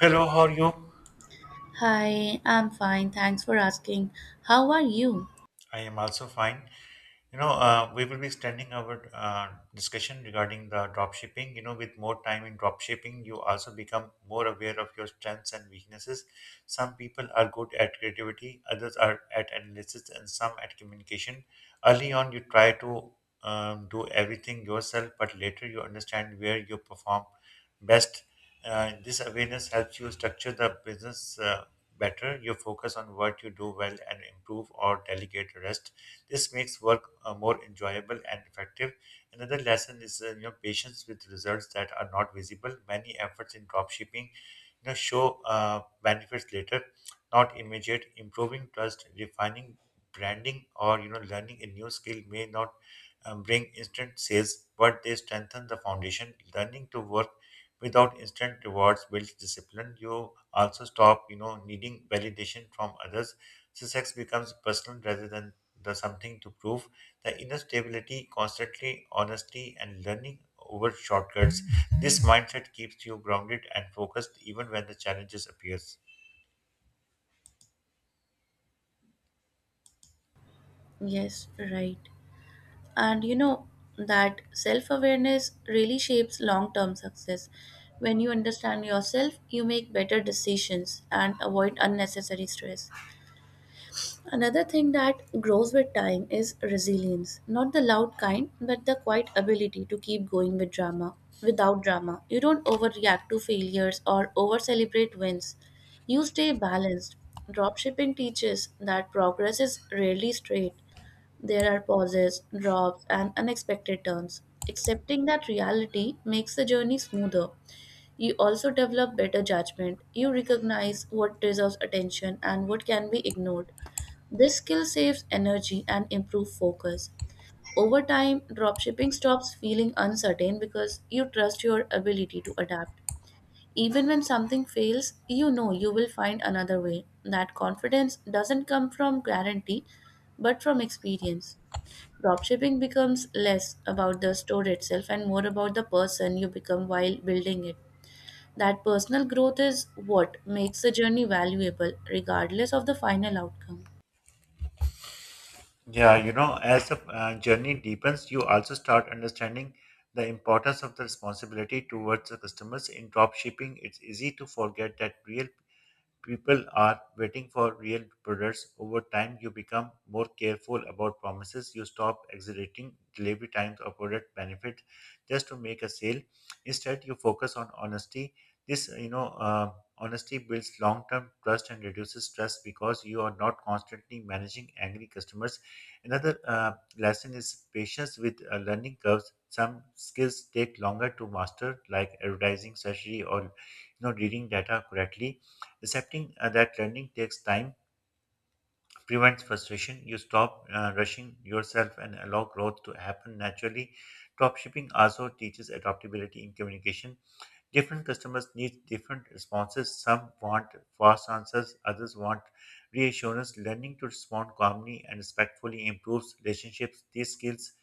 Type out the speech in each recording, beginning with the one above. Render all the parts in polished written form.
Hello, how are you? Hi, I'm fine. Thanks for asking. How are you? I am also fine. We will be extending our discussion regarding the dropshipping. You know, with more time in dropshipping, you also become more aware of your strengths and weaknesses. Some people are good at creativity, others are at analysis, and some at communication. Early on, you try to do everything yourself, but later you understand where you perform best. This awareness helps you structure the business. Better. You focus on what you do well and improve or delegate the rest. This makes work more enjoyable and effective. Another lesson is you know patience with results that are not visible. Many efforts in dropshipping you know show benefits later, not immediate. Improving trust, refining branding, or you know learning a new skill may not bring instant sales, but they strengthen the foundation. Learning to work without instant rewards builds discipline. You also stop, you know, needing validation from others. Success becomes personal rather than the something to prove. The inner stability, constantly honesty, and learning over shortcuts. This mindset keeps you grounded and focused even when the challenges appears. Yes, right. And you know that self awareness really shapes long term success. When you understand yourself, you make better decisions and avoid unnecessary stress. Another thing that grows with time is resilience. Not the loud kind, but the quiet ability to keep going with drama. Without drama, you don't overreact to failures or over celebrate wins. You stay balanced. Dropshipping teaches that progress is rarely straight. There are pauses, drops, and unexpected turns. Accepting that reality makes the journey smoother. You also develop better judgment. You recognize what deserves attention and what can be ignored. This skill saves energy and improves focus. Over time, dropshipping stops feeling uncertain because you trust your ability to adapt. Even when something fails, you know you will find another way. That confidence doesn't come from guarantee, but from experience. Dropshipping becomes less about the store itself and more about the person you become while building it. That personal growth is what makes the journey valuable, regardless of the final outcome. Yeah, you know, as the journey deepens, you also start understanding the importance of the responsibility towards the customers. In drop shipping, it's easy to forget that real people are waiting for real products. Over time, you become more careful about promises. You stop exaggerating delivery times or product benefit just to make a sale. Instead, you focus on honesty. This, honesty builds long-term trust and reduces stress because you are not constantly managing angry customers. Another lesson is patience with learning curves. Some skills take longer to master, like advertising strategy or you know reading data correctly. Accepting that learning takes time prevents frustration. You stop rushing yourself and allow growth to happen naturally. Dropshipping also teaches adaptability in communication. Different customers need different responses. Some want fast answers, others want reassurance. Learning to respond calmly and respectfully improves relationships. These skills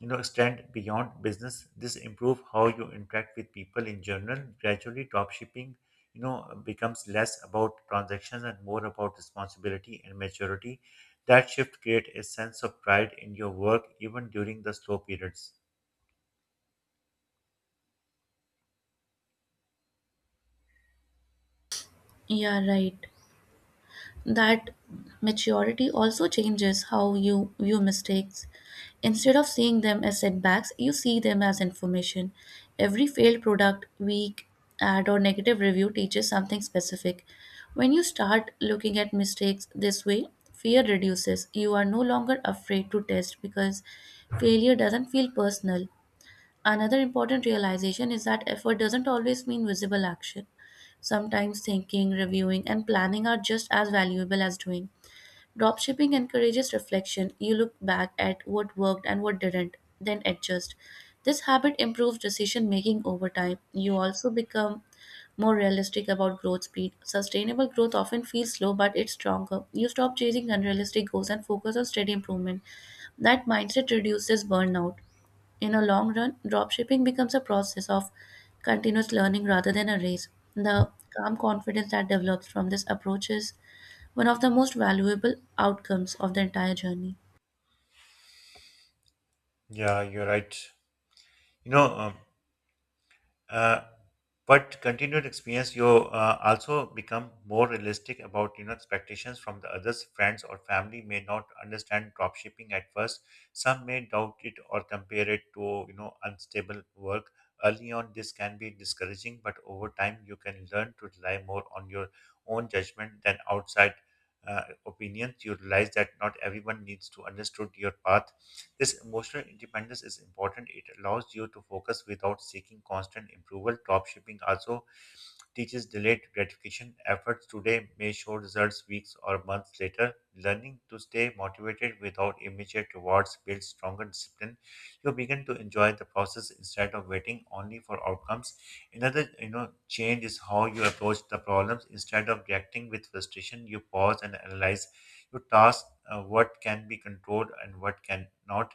you know extend beyond business, this improve how you interact with people in general. Gradually, drop shipping you know becomes less about transactions and more about responsibility and maturity. That shift create a sense of pride in your work even during the slow periods. Yeah, right. That maturity also changes how you view mistakes. Instead of seeing them as setbacks, you see them as information. Every failed product, weak ad, or negative review teaches something specific. When you start looking at mistakes this way, fear reduces. You are no longer afraid to test because failure doesn't feel personal. Another important realization is that effort doesn't always mean visible action. Sometimes thinking, reviewing, and planning are just as valuable as doing. Dropshipping encourages reflection. You look back at what worked and what didn't, then adjust. This habit improves decision making over time. You also become more realistic about growth speed. Sustainable growth often feels slow, but it's stronger. You stop chasing unrealistic goals and focus on steady improvement. That mindset reduces burnout. In a long run, dropshipping becomes a process of continuous learning rather than a race. The calm confidence that develops from this approach is one of the most valuable outcomes of the entire journey. Yeah, you're right. you know Uh, but continued experience, you also become more realistic about you know expectations from the others. Friends or family may not understand dropshipping at first. Some may doubt it or compare it to you know unstable work. Early on, this can be discouraging, but over time, you can learn to rely more on your own judgment than outside opinions. You realize that not everyone needs to understand your path. This emotional independence is important. It allows you to focus without seeking constant approval. Dropshipping also teaches delayed gratification. Efforts today may show results weeks or months later. Learning to stay motivated without immediate rewards builds stronger discipline. You begin to enjoy the process instead of waiting only for outcomes. Another, you know, change is how you approach the problems. Instead of reacting with frustration, you pause and analyze your task, what can be controlled and what cannot.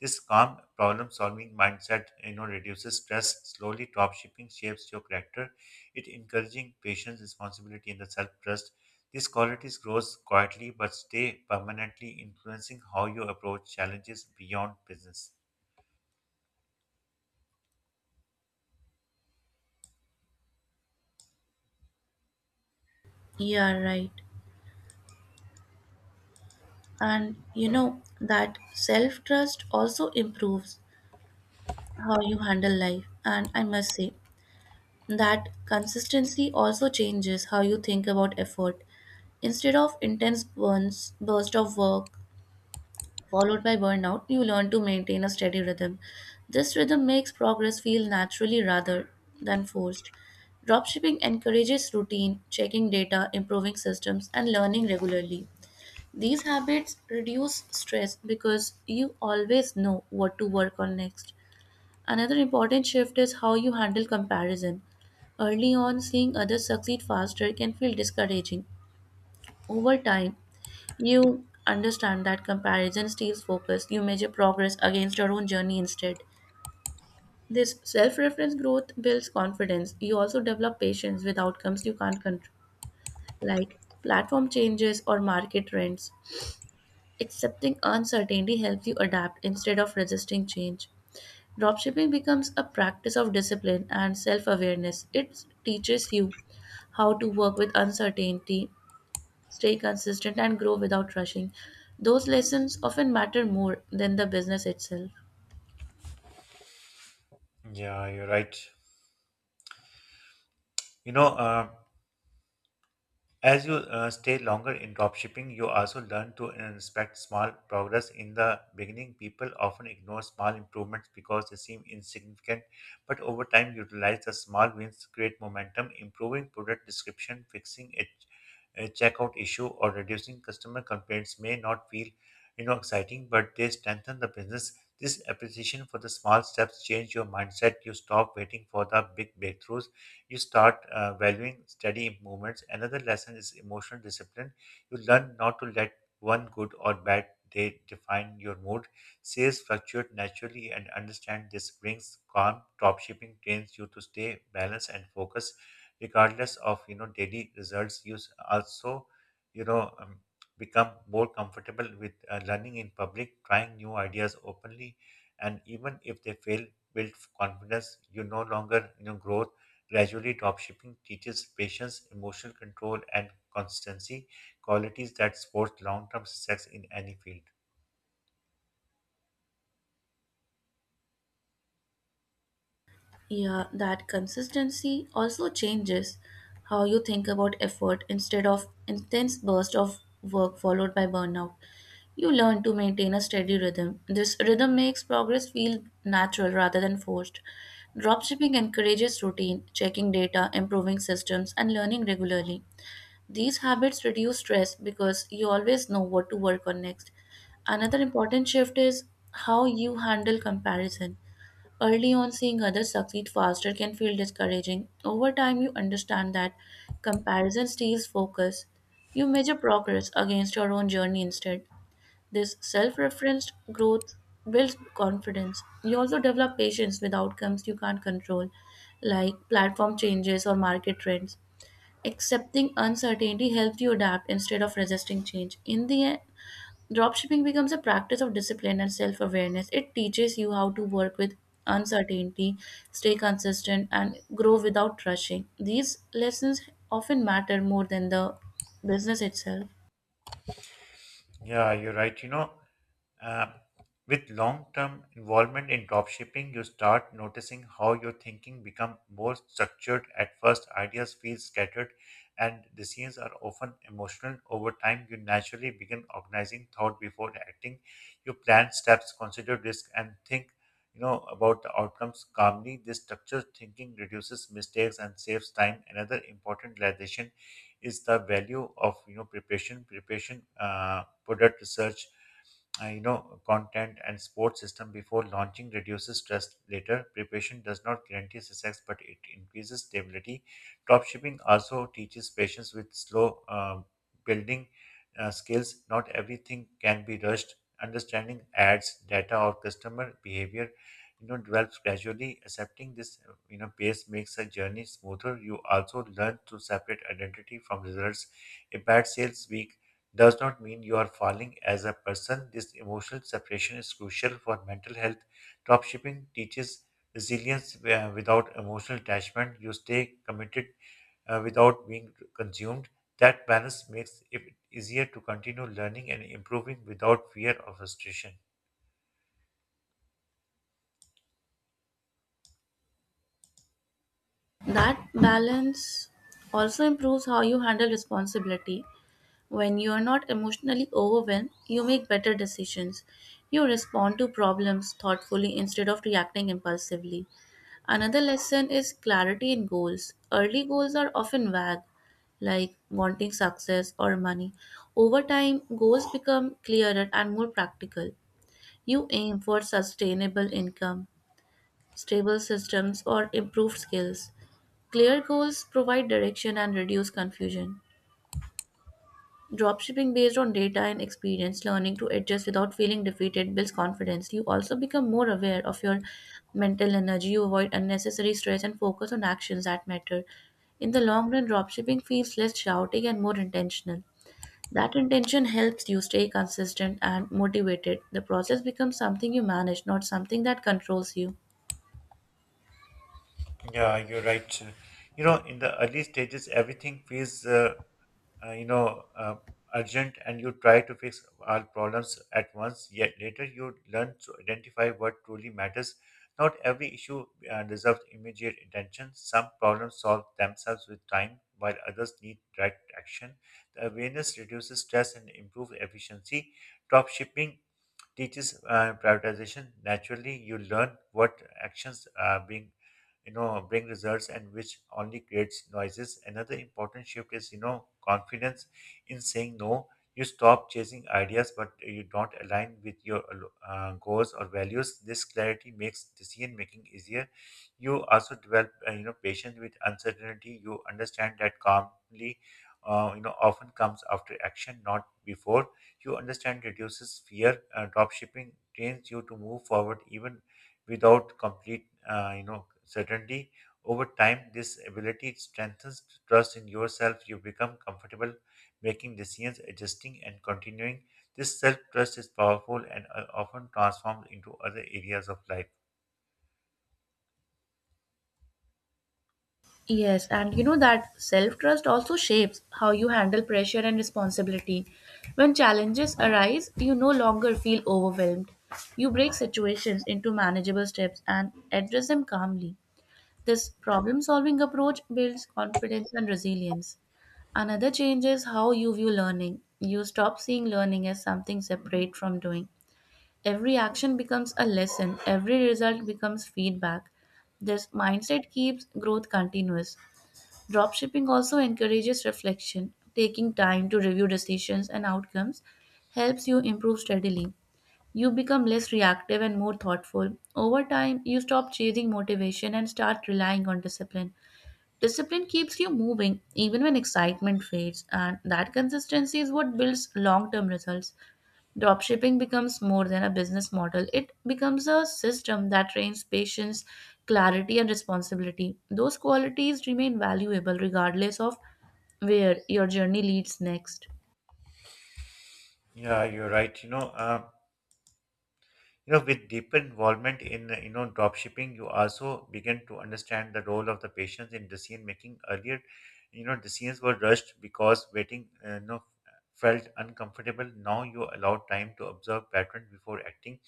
This calm problem-solving mindset, you know, reduces stress. Slowly, Top-shipping shapes your character. It encouraging patience, responsibility, and the self-trust. These qualities grows quietly but stay permanently, influencing how you approach challenges beyond business. Yeah, right. And you know that self trust also improves how you handle life. And I must say that consistency also changes how you think about effort. Instead of intense burns, burst of work followed by burnout, you learn to maintain a steady rhythm. This rhythm makes progress feel naturally rather than forced. Dropshipping encourages routine, checking data, improving systems, and learning regularly. These habits reduce stress because you always know what to work on next. Another important shift is how you handle comparison. Early on, seeing others succeed faster can feel discouraging. Over time, you understand that comparison steals focus. You measure progress against your own journey instead. This self reference growth builds confidence. You also develop patience with outcomes you can't control, like platform changes or market trends. Accepting uncertainty helps you adapt instead of resisting change. Dropshipping becomes a practice of discipline and self awareness. It teaches you how to work with uncertainty, stay consistent, and grow without rushing. Those lessons often matter more than the business itself. Yeah, you're right. You know, As you stay longer in dropshipping, you also learn to inspect small progress. In the beginning, people often ignore small improvements because they seem insignificant, but over time, utilize the small wins create momentum. Improving product description, fixing a checkout issue, or reducing customer complaints may not feel you know exciting, but they strengthen the business. This appreciation for the small steps change your mindset. You stop waiting for the big breakthroughs. You start valuing steady movements. Another lesson is emotional discipline. You learn not to let one good or bad day define your mood. Sales fluctuate naturally and understand this brings calm. Dropshipping trains you to stay balanced and focused regardless of you know daily results. Also you know um, become more comfortable with learning in public, trying new ideas openly, and even if they fail, build confidence. You no longer you know grow. Gradually, dropshipping teaches patience, emotional control, and constancy, qualities that support long term success in any field. Yeah, that consistency also changes how you think about effort instead of intense burst of work followed by burnout. You learn to maintain a steady rhythm. This rhythm makes progress feel natural rather than forced. Dropshipping encourages routine, checking data, improving systems, and learning regularly. These habits reduce stress because you always know what to work on next. Another important shift is how you handle comparison. Early on, seeing others succeed faster can feel discouraging. Over time, you understand that comparison steals focus. You measure progress against your own journey instead. This self referenced growth builds confidence. You also develop patience with outcomes you can't control, like platform changes or market trends. Accepting uncertainty helps you adapt instead of resisting change. In the end, dropshipping becomes a practice of discipline and self awareness. It teaches you how to work with uncertainty, stay consistent, and grow without rushing. These lessons often matter more than the business itself. Yeah, you're right. Uh, with long-term involvement in dropshipping, you start noticing how your thinking become more structured. At first, ideas feel scattered, and decisions are often emotional. Over time, you naturally begin organizing thought before acting. You plan steps, consider risk, and think, you know, about the outcomes calmly. This structured thinking reduces mistakes and saves time. Another important realization is the value of you know preparation. Preparation, product research, you know content and support system before launching reduces stress later. Preparation does not guarantee success but it increases stability. Dropshipping also teaches patience with slow building skills. Not everything can be rushed. Understanding ads data or customer behavior you know develops gradually. Accepting this you know pace makes a journey smoother. You also learn to separate identity from results. A bad sales week does not mean you are falling as a person. This emotional separation is crucial for mental health. Dropshipping teaches resilience without emotional attachment. You stay committed without being consumed. That balance makes it easier to continue learning and improving without fear of frustration. That balance also improves how you handle responsibility. When you are not emotionally overwhelmed, you make better decisions. You respond to problems thoughtfully instead of reacting impulsively. Another lesson is clarity in goals. Early goals are often vague, like wanting success or money. Over time, goals become clearer and more practical. You aim for sustainable income, stable systems, or improved skills. Clear goals provide direction and reduce confusion. Dropshipping based on data and experience, learning to adjust without feeling defeated builds confidence. You also become more aware of your mental energy, you avoid unnecessary stress, and focus on actions that matter. In the long run, dropshipping feels less shouting and more intentional. That intention helps you stay consistent and motivated. The process becomes something you manage, not something that controls you. Yeah, you're right. You know, in the early stages, everything feels uh, you know uh, urgent and you try to fix all problems at once. Yet later you learn to identify what truly matters. Not every issue deserves immediate attention. Some problems solve themselves with time while others need direct action. The awareness reduces stress and improves efficiency. Drop shipping teaches prioritization. Naturally, you learn what actions bring results and which only creates noises. Another important shift is, you know, confidence in saying no. You stop chasing ideas, but you don't align with your goals or values. This clarity makes decision making easier. You also develop, you know, patience with uncertainty. You understand that calmly, you know, often comes after action, not before. You understand reduces fear. Dropshipping trains you to move forward even without complete, you know, certainty. Over time, this ability strengthens trust in yourself. You become comfortable making decisions, adjusting, and continuing. This self trust is powerful and often transformed into other areas of life. Yes, and you know that self trust also shapes how you handle pressure and responsibility. When challenges arise, you no longer feel overwhelmed. You break situations into manageable steps and address them calmly. This problem solving approach builds confidence and resilience. Another change is how you view learning. You stop seeing learning as something separate from doing. Every action becomes a lesson, every result becomes feedback. This mindset keeps growth continuous. Dropshipping also encourages reflection. Taking time to review decisions and outcomes helps you improve steadily. You become less reactive and more thoughtful. Over time, you stop chasing motivation and start relying on discipline. Discipline keeps you moving even when excitement fades, and that consistency is what builds long term results. Dropshipping becomes more than a business model. It becomes a system that trains patience, clarity, and responsibility. Those qualities remain valuable regardless of where your journey leads next. Yeah, you're right. You know with deeper involvement in you know drop shipping, you also begin to understand the role of the patients in decision making. Earlier you know decisions were rushed because waiting you know felt uncomfortable. Now you allow time to observe pattern before acting.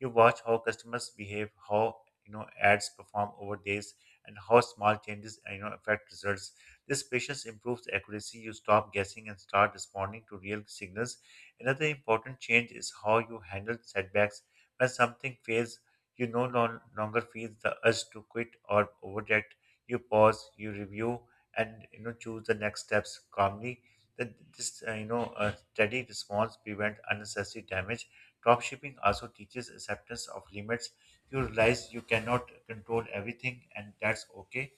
You watch how customers behave, how you know ads perform over days, and how small changes you know affect results. This patience improves accuracy. You stop guessing and start responding to real signals. Another important change is how you handle setbacks. When something fails, you no longer feel the urge to quit or overreact. You pause, you review, and you know choose the next steps calmly. That this you know steady response prevent unnecessary damage. Dropshipping also teaches acceptance of limits. You realize you cannot control everything, and that's okay.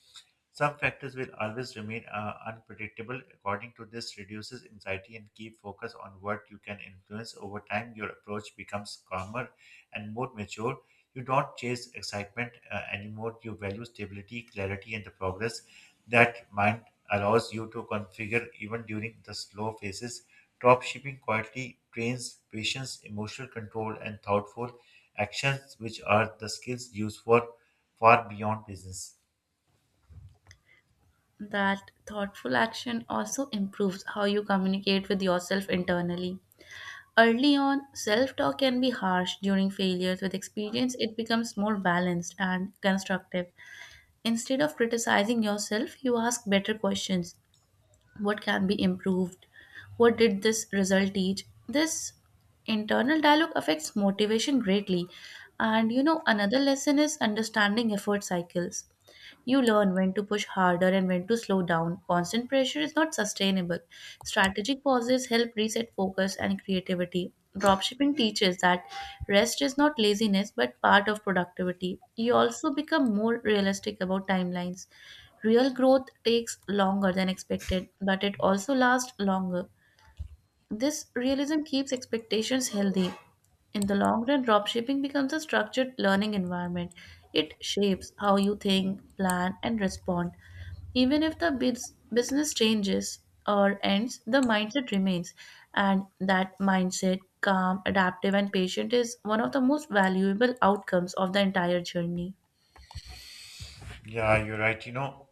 Some factors will always remain unpredictable. According to this, reduces anxiety and keep focus on what you can influence. Over time, your approach becomes calmer and more mature. You don't chase excitement anymore. You value stability, clarity, and the progress. That mind allows you to configure even during the slow phases. Drop shipping quietly trains patience, emotional control, and thoughtful actions, which are the skills used for far beyond business. That thoughtful action also improves how you communicate with yourself internally. Early on, self talk can be harsh during failures. With experience, it becomes more balanced and constructive. Instead of criticizing yourself, you ask better questions. What can be improved? What did this result teach? This internal dialogue affects motivation greatly. And you know, another lesson is understanding effort cycles. You learn when to push harder and when to slow down. Constant pressure is not sustainable. Strategic pauses help reset focus and creativity. Dropshipping teaches that rest is not laziness but part of productivity. You also become more realistic about timelines. Real growth takes longer than expected, but it also lasts longer. This realism keeps expectations healthy. In the long run, dropshipping becomes a structured learning environment. It shapes how you think, plan, and respond. Even if the business changes or ends, the mindset remains. And that mindset, calm, adaptive, and patient, is one of the most valuable outcomes of the entire journey. Yeah, you're right. You know,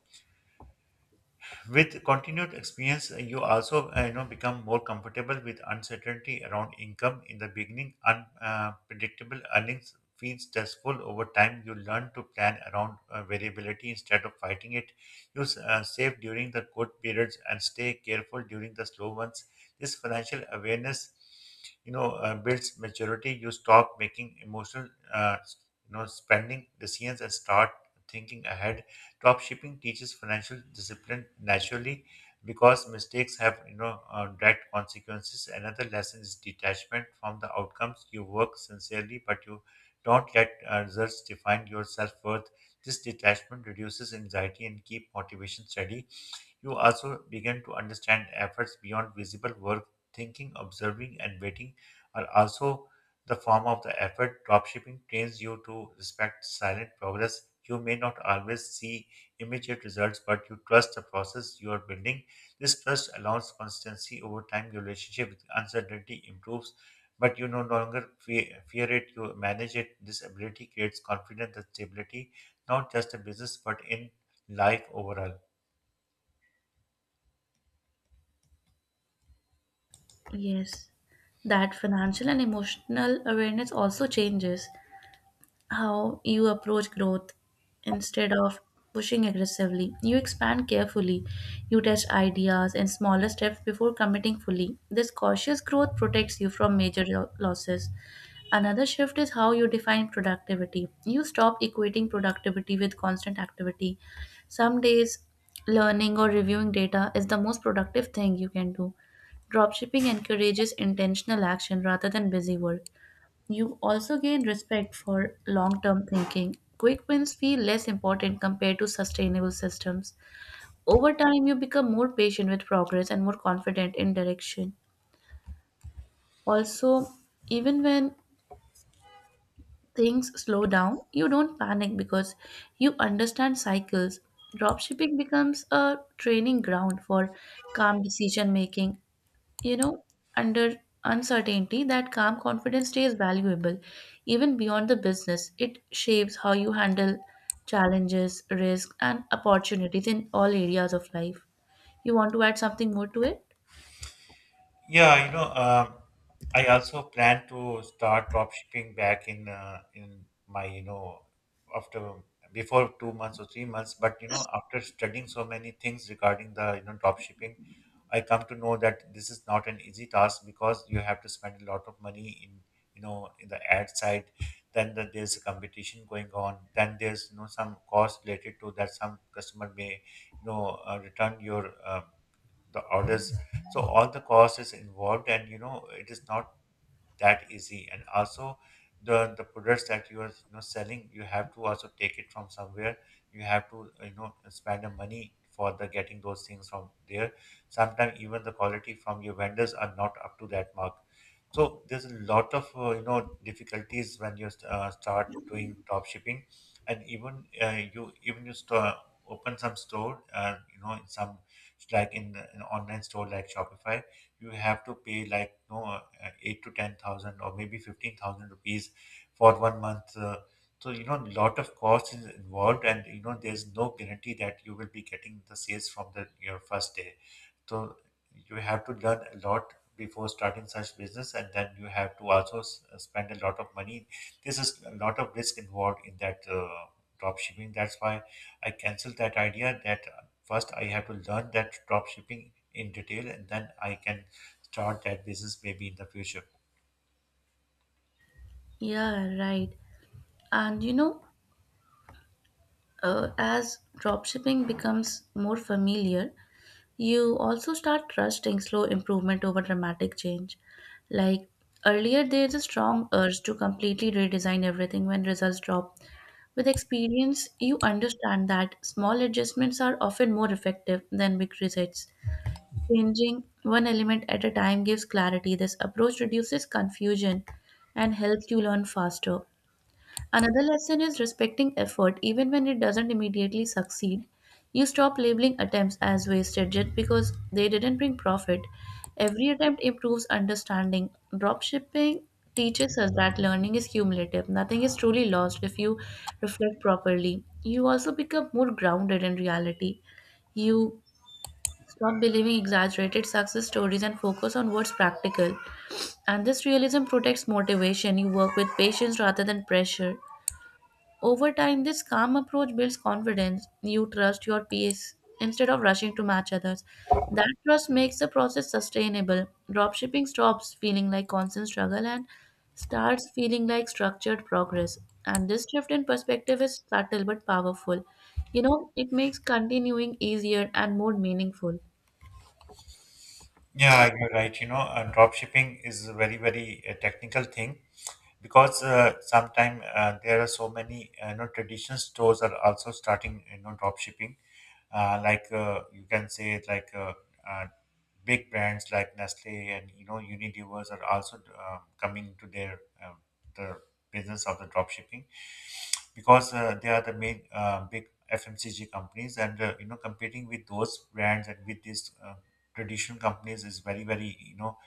with continued experience, you also you know become more comfortable with uncertainty around income. In the beginning, unpredictable earnings feels stressful. Over time, you learn to plan around variability instead of fighting it. Save during the good periods and stay careful during the slow ones. This financial awareness, builds maturity. You stop making emotional, uh, you know, spending decisions and start thinking ahead. Dropshipping teaches financial discipline naturally because mistakes have you know direct consequences. Another lesson is detachment from the outcomes. You work sincerely, but you don't let results define your self worth. This detachment reduces anxiety and keep motivation steady. You also begin to understand efforts beyond visible work. Thinking, observing, and waiting are also the form of the effort. Dropshipping trains you to respect silent progress. You may not always see immediate results, but you trust the process you are building. This trust allows consistency over time. Your relationship with uncertainty improves, but you no longer fear it. You manage it. This ability creates confidence and stability, not just in business, but in life overall. Yes, that financial and emotional awareness also changes how you approach growth instead of pushing aggressively. You expand carefully, you test ideas and smaller steps before committing fully. This cautious growth protects you from major losses. Another shift is how you define productivity. You stop equating productivity with constant activity. Some days, learning or reviewing data is the most productive thing you can do. Dropshipping encourages intentional action rather than busy work. You also gain respect for long term thinking. Quick wins feel less important compared to sustainable systems. Over time, you become more patient with progress and more confident in direction. Also, even when things slow. Down, you don't panic because you understand cycles. Dropshipping becomes a training ground for calm decision making you know, under uncertainty, that calm confidence stays valuable even beyond the business. It shapes how you handle challenges, risks, and opportunities in all areas of life. You want to add something more to it? Yeah, I also plan to start drop shipping back in my after before 2 months or 3 months. But after studying so many things regarding the drop shipping, I come to know that this is not an easy task because you have to spend a lot of money in in the ad side. There's a competition going on. Then there's some cost related to that. Some customer may return your the orders. So all the cost is involved, and you know it is not that easy. And also the products that you are selling, you have to also take it from somewhere. You have to spend the money for the getting those things from there. Sometimes even the quality from your vendors are not up to that mark. So there's a lot of difficulties when you start doing drop shipping. And even you even you store, open some store in some like in online store like shopify, you have to pay like no 8 to 10,000 or maybe 15,000 rupees for one month. So you know, a lot of cost is involved, and you know, there's no guarantee that you will be getting the sales from the your first day. So you have to learn a lot before starting such business, and then you have to also spend a lot of money. This is a lot of risk involved in that drop shipping. That's why I canceled that idea. That first I have to learn that drop shipping in detail, and then I can start that business maybe in the future. Yeah, right. And you know, as dropshipping becomes more familiar, you also start trusting slow improvement over dramatic change. Like earlier, there is a strong urge to completely redesign everything when results drop. With experience, you understand that small adjustments are often more effective than big resets. Changing one element at a time gives clarity. This approach reduces confusion and helps you learn faster. Another lesson is respecting effort even when it doesn't immediately succeed. You stop labeling attempts as wasted just because they didn't bring profit. Every attempt improves understanding. Dropshipping teaches us that learning is cumulative. Nothing is truly lost if you reflect properly. You also become more grounded in reality. You stop believing exaggerated success stories and focus on what's practical. And this realism protects motivation. You work with patience rather than pressure. Over time, this calm approach builds confidence. You trust your peers instead of rushing to match others. That trust makes the process sustainable. Dropshipping stops feeling like constant struggle and starts feeling like structured progress. And this shift in perspective is subtle but powerful. You know, it makes continuing easier and more meaningful. Yeah, you're right. You know, drop shipping is a very, very technical thing because sometimes there are so many, you know, traditional stores are also starting, you know, drop shipping. You can say it like uh, big brands like Nestle and you know Unilevers are also coming to their the business of the dropshipping, because they are the main big FMCG companies. And you know, competing with those brands and with these traditional companies is very very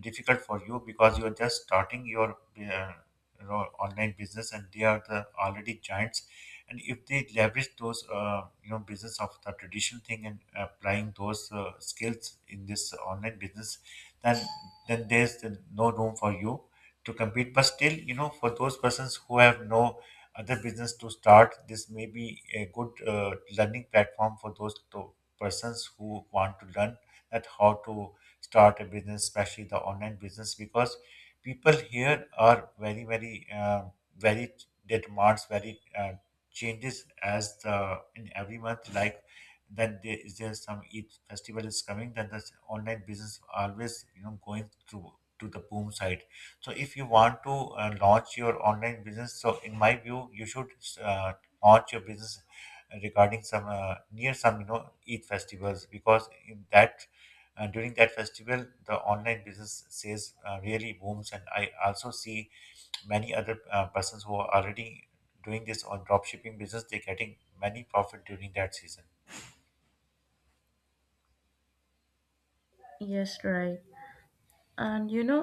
difficult for you because you are just starting your online business, and they are the already giants. And if they leverage those business of the traditional thing and applying those skills in this online business, then then there's no room for you to compete. But still, you know, for those persons who have no other business to start, this may be a good learning platform for those to persons who want to learn at how to start a business, especially the online business, because people here are very their demands, very changes as the in every month. Like then there is there some each festival is coming, then the online business always you know going through to the boom side. So if you want to launch your online business, so in my view you should uh, launch your business regarding some near some you know eid festivals, because in that during that festival the online business sales really booms. And I also see many other persons who are already doing this on drop shipping business, they're getting many profit during that season. Yes, right. And you know,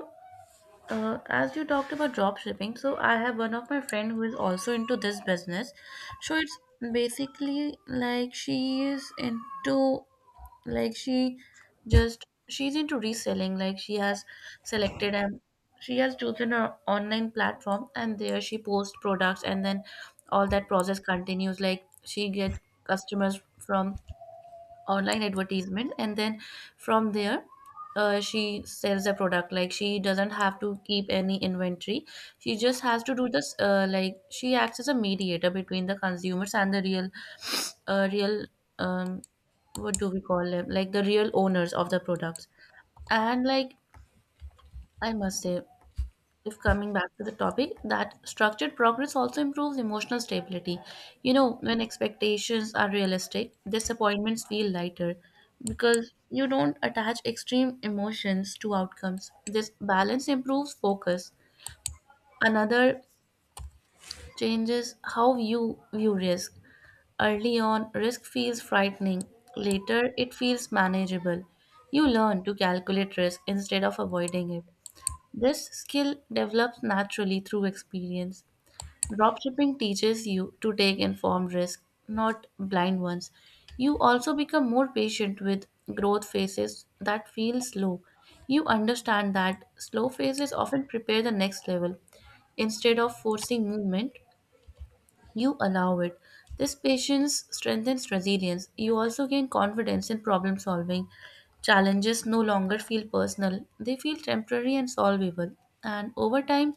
As you talked about drop shipping, so I have one of my friend who is also into this business. So it's basically, like, like she just she's into reselling. Like, she has selected and she has chosen an online platform, and there she posts products, and then all that process continues. Like, she get customers from online advertisement, and then from there she sells the product. Like, she doesn't have to keep any inventory. She just has to do this, like, she acts as a mediator between the consumers and the real um what do we call them? Like, the real owners of the products. And, like, I must say, if coming back to the topic, that structured progress also improves emotional stability. You know, when expectations are realistic, disappointments feel lighter because you don't attach extreme emotions to outcomes. This balance improves focus. Another changes how you view risk. Early on, risk feels frightening. Later, it feels manageable. You learn to calculate risk instead of avoiding it. This skill develops naturally through experience. Dropshipping teaches you to take informed risks, not blind ones. You also become more patient with growth phases that feel slow. You understand that slow phases often prepare the next level. Instead of forcing movement, you allow it. This patience strengthens resilience. You also gain confidence in problem solving. Challenges no longer feel personal, they feel temporary and solvable. And over time,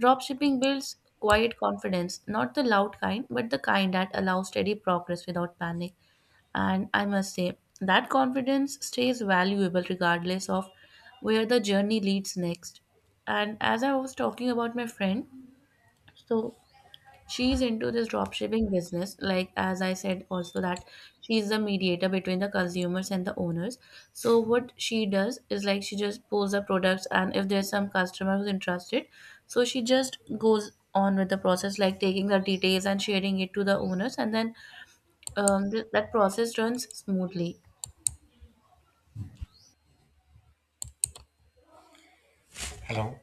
dropshipping builds quiet confidence, not the loud kind, but the kind that allows steady progress without panic. And I must say, that confidence stays valuable regardless of where the journey leads next. And as I was talking about my friend, so she's into this dropshipping business, like as I said also, that she's the mediator between the consumers and the owners. So what she does is, like, she just posts the products, and if there's some customer who's interested, so she just goes on with the process, like taking the details and sharing it to the owners. And then that process runs smoothly. Hello.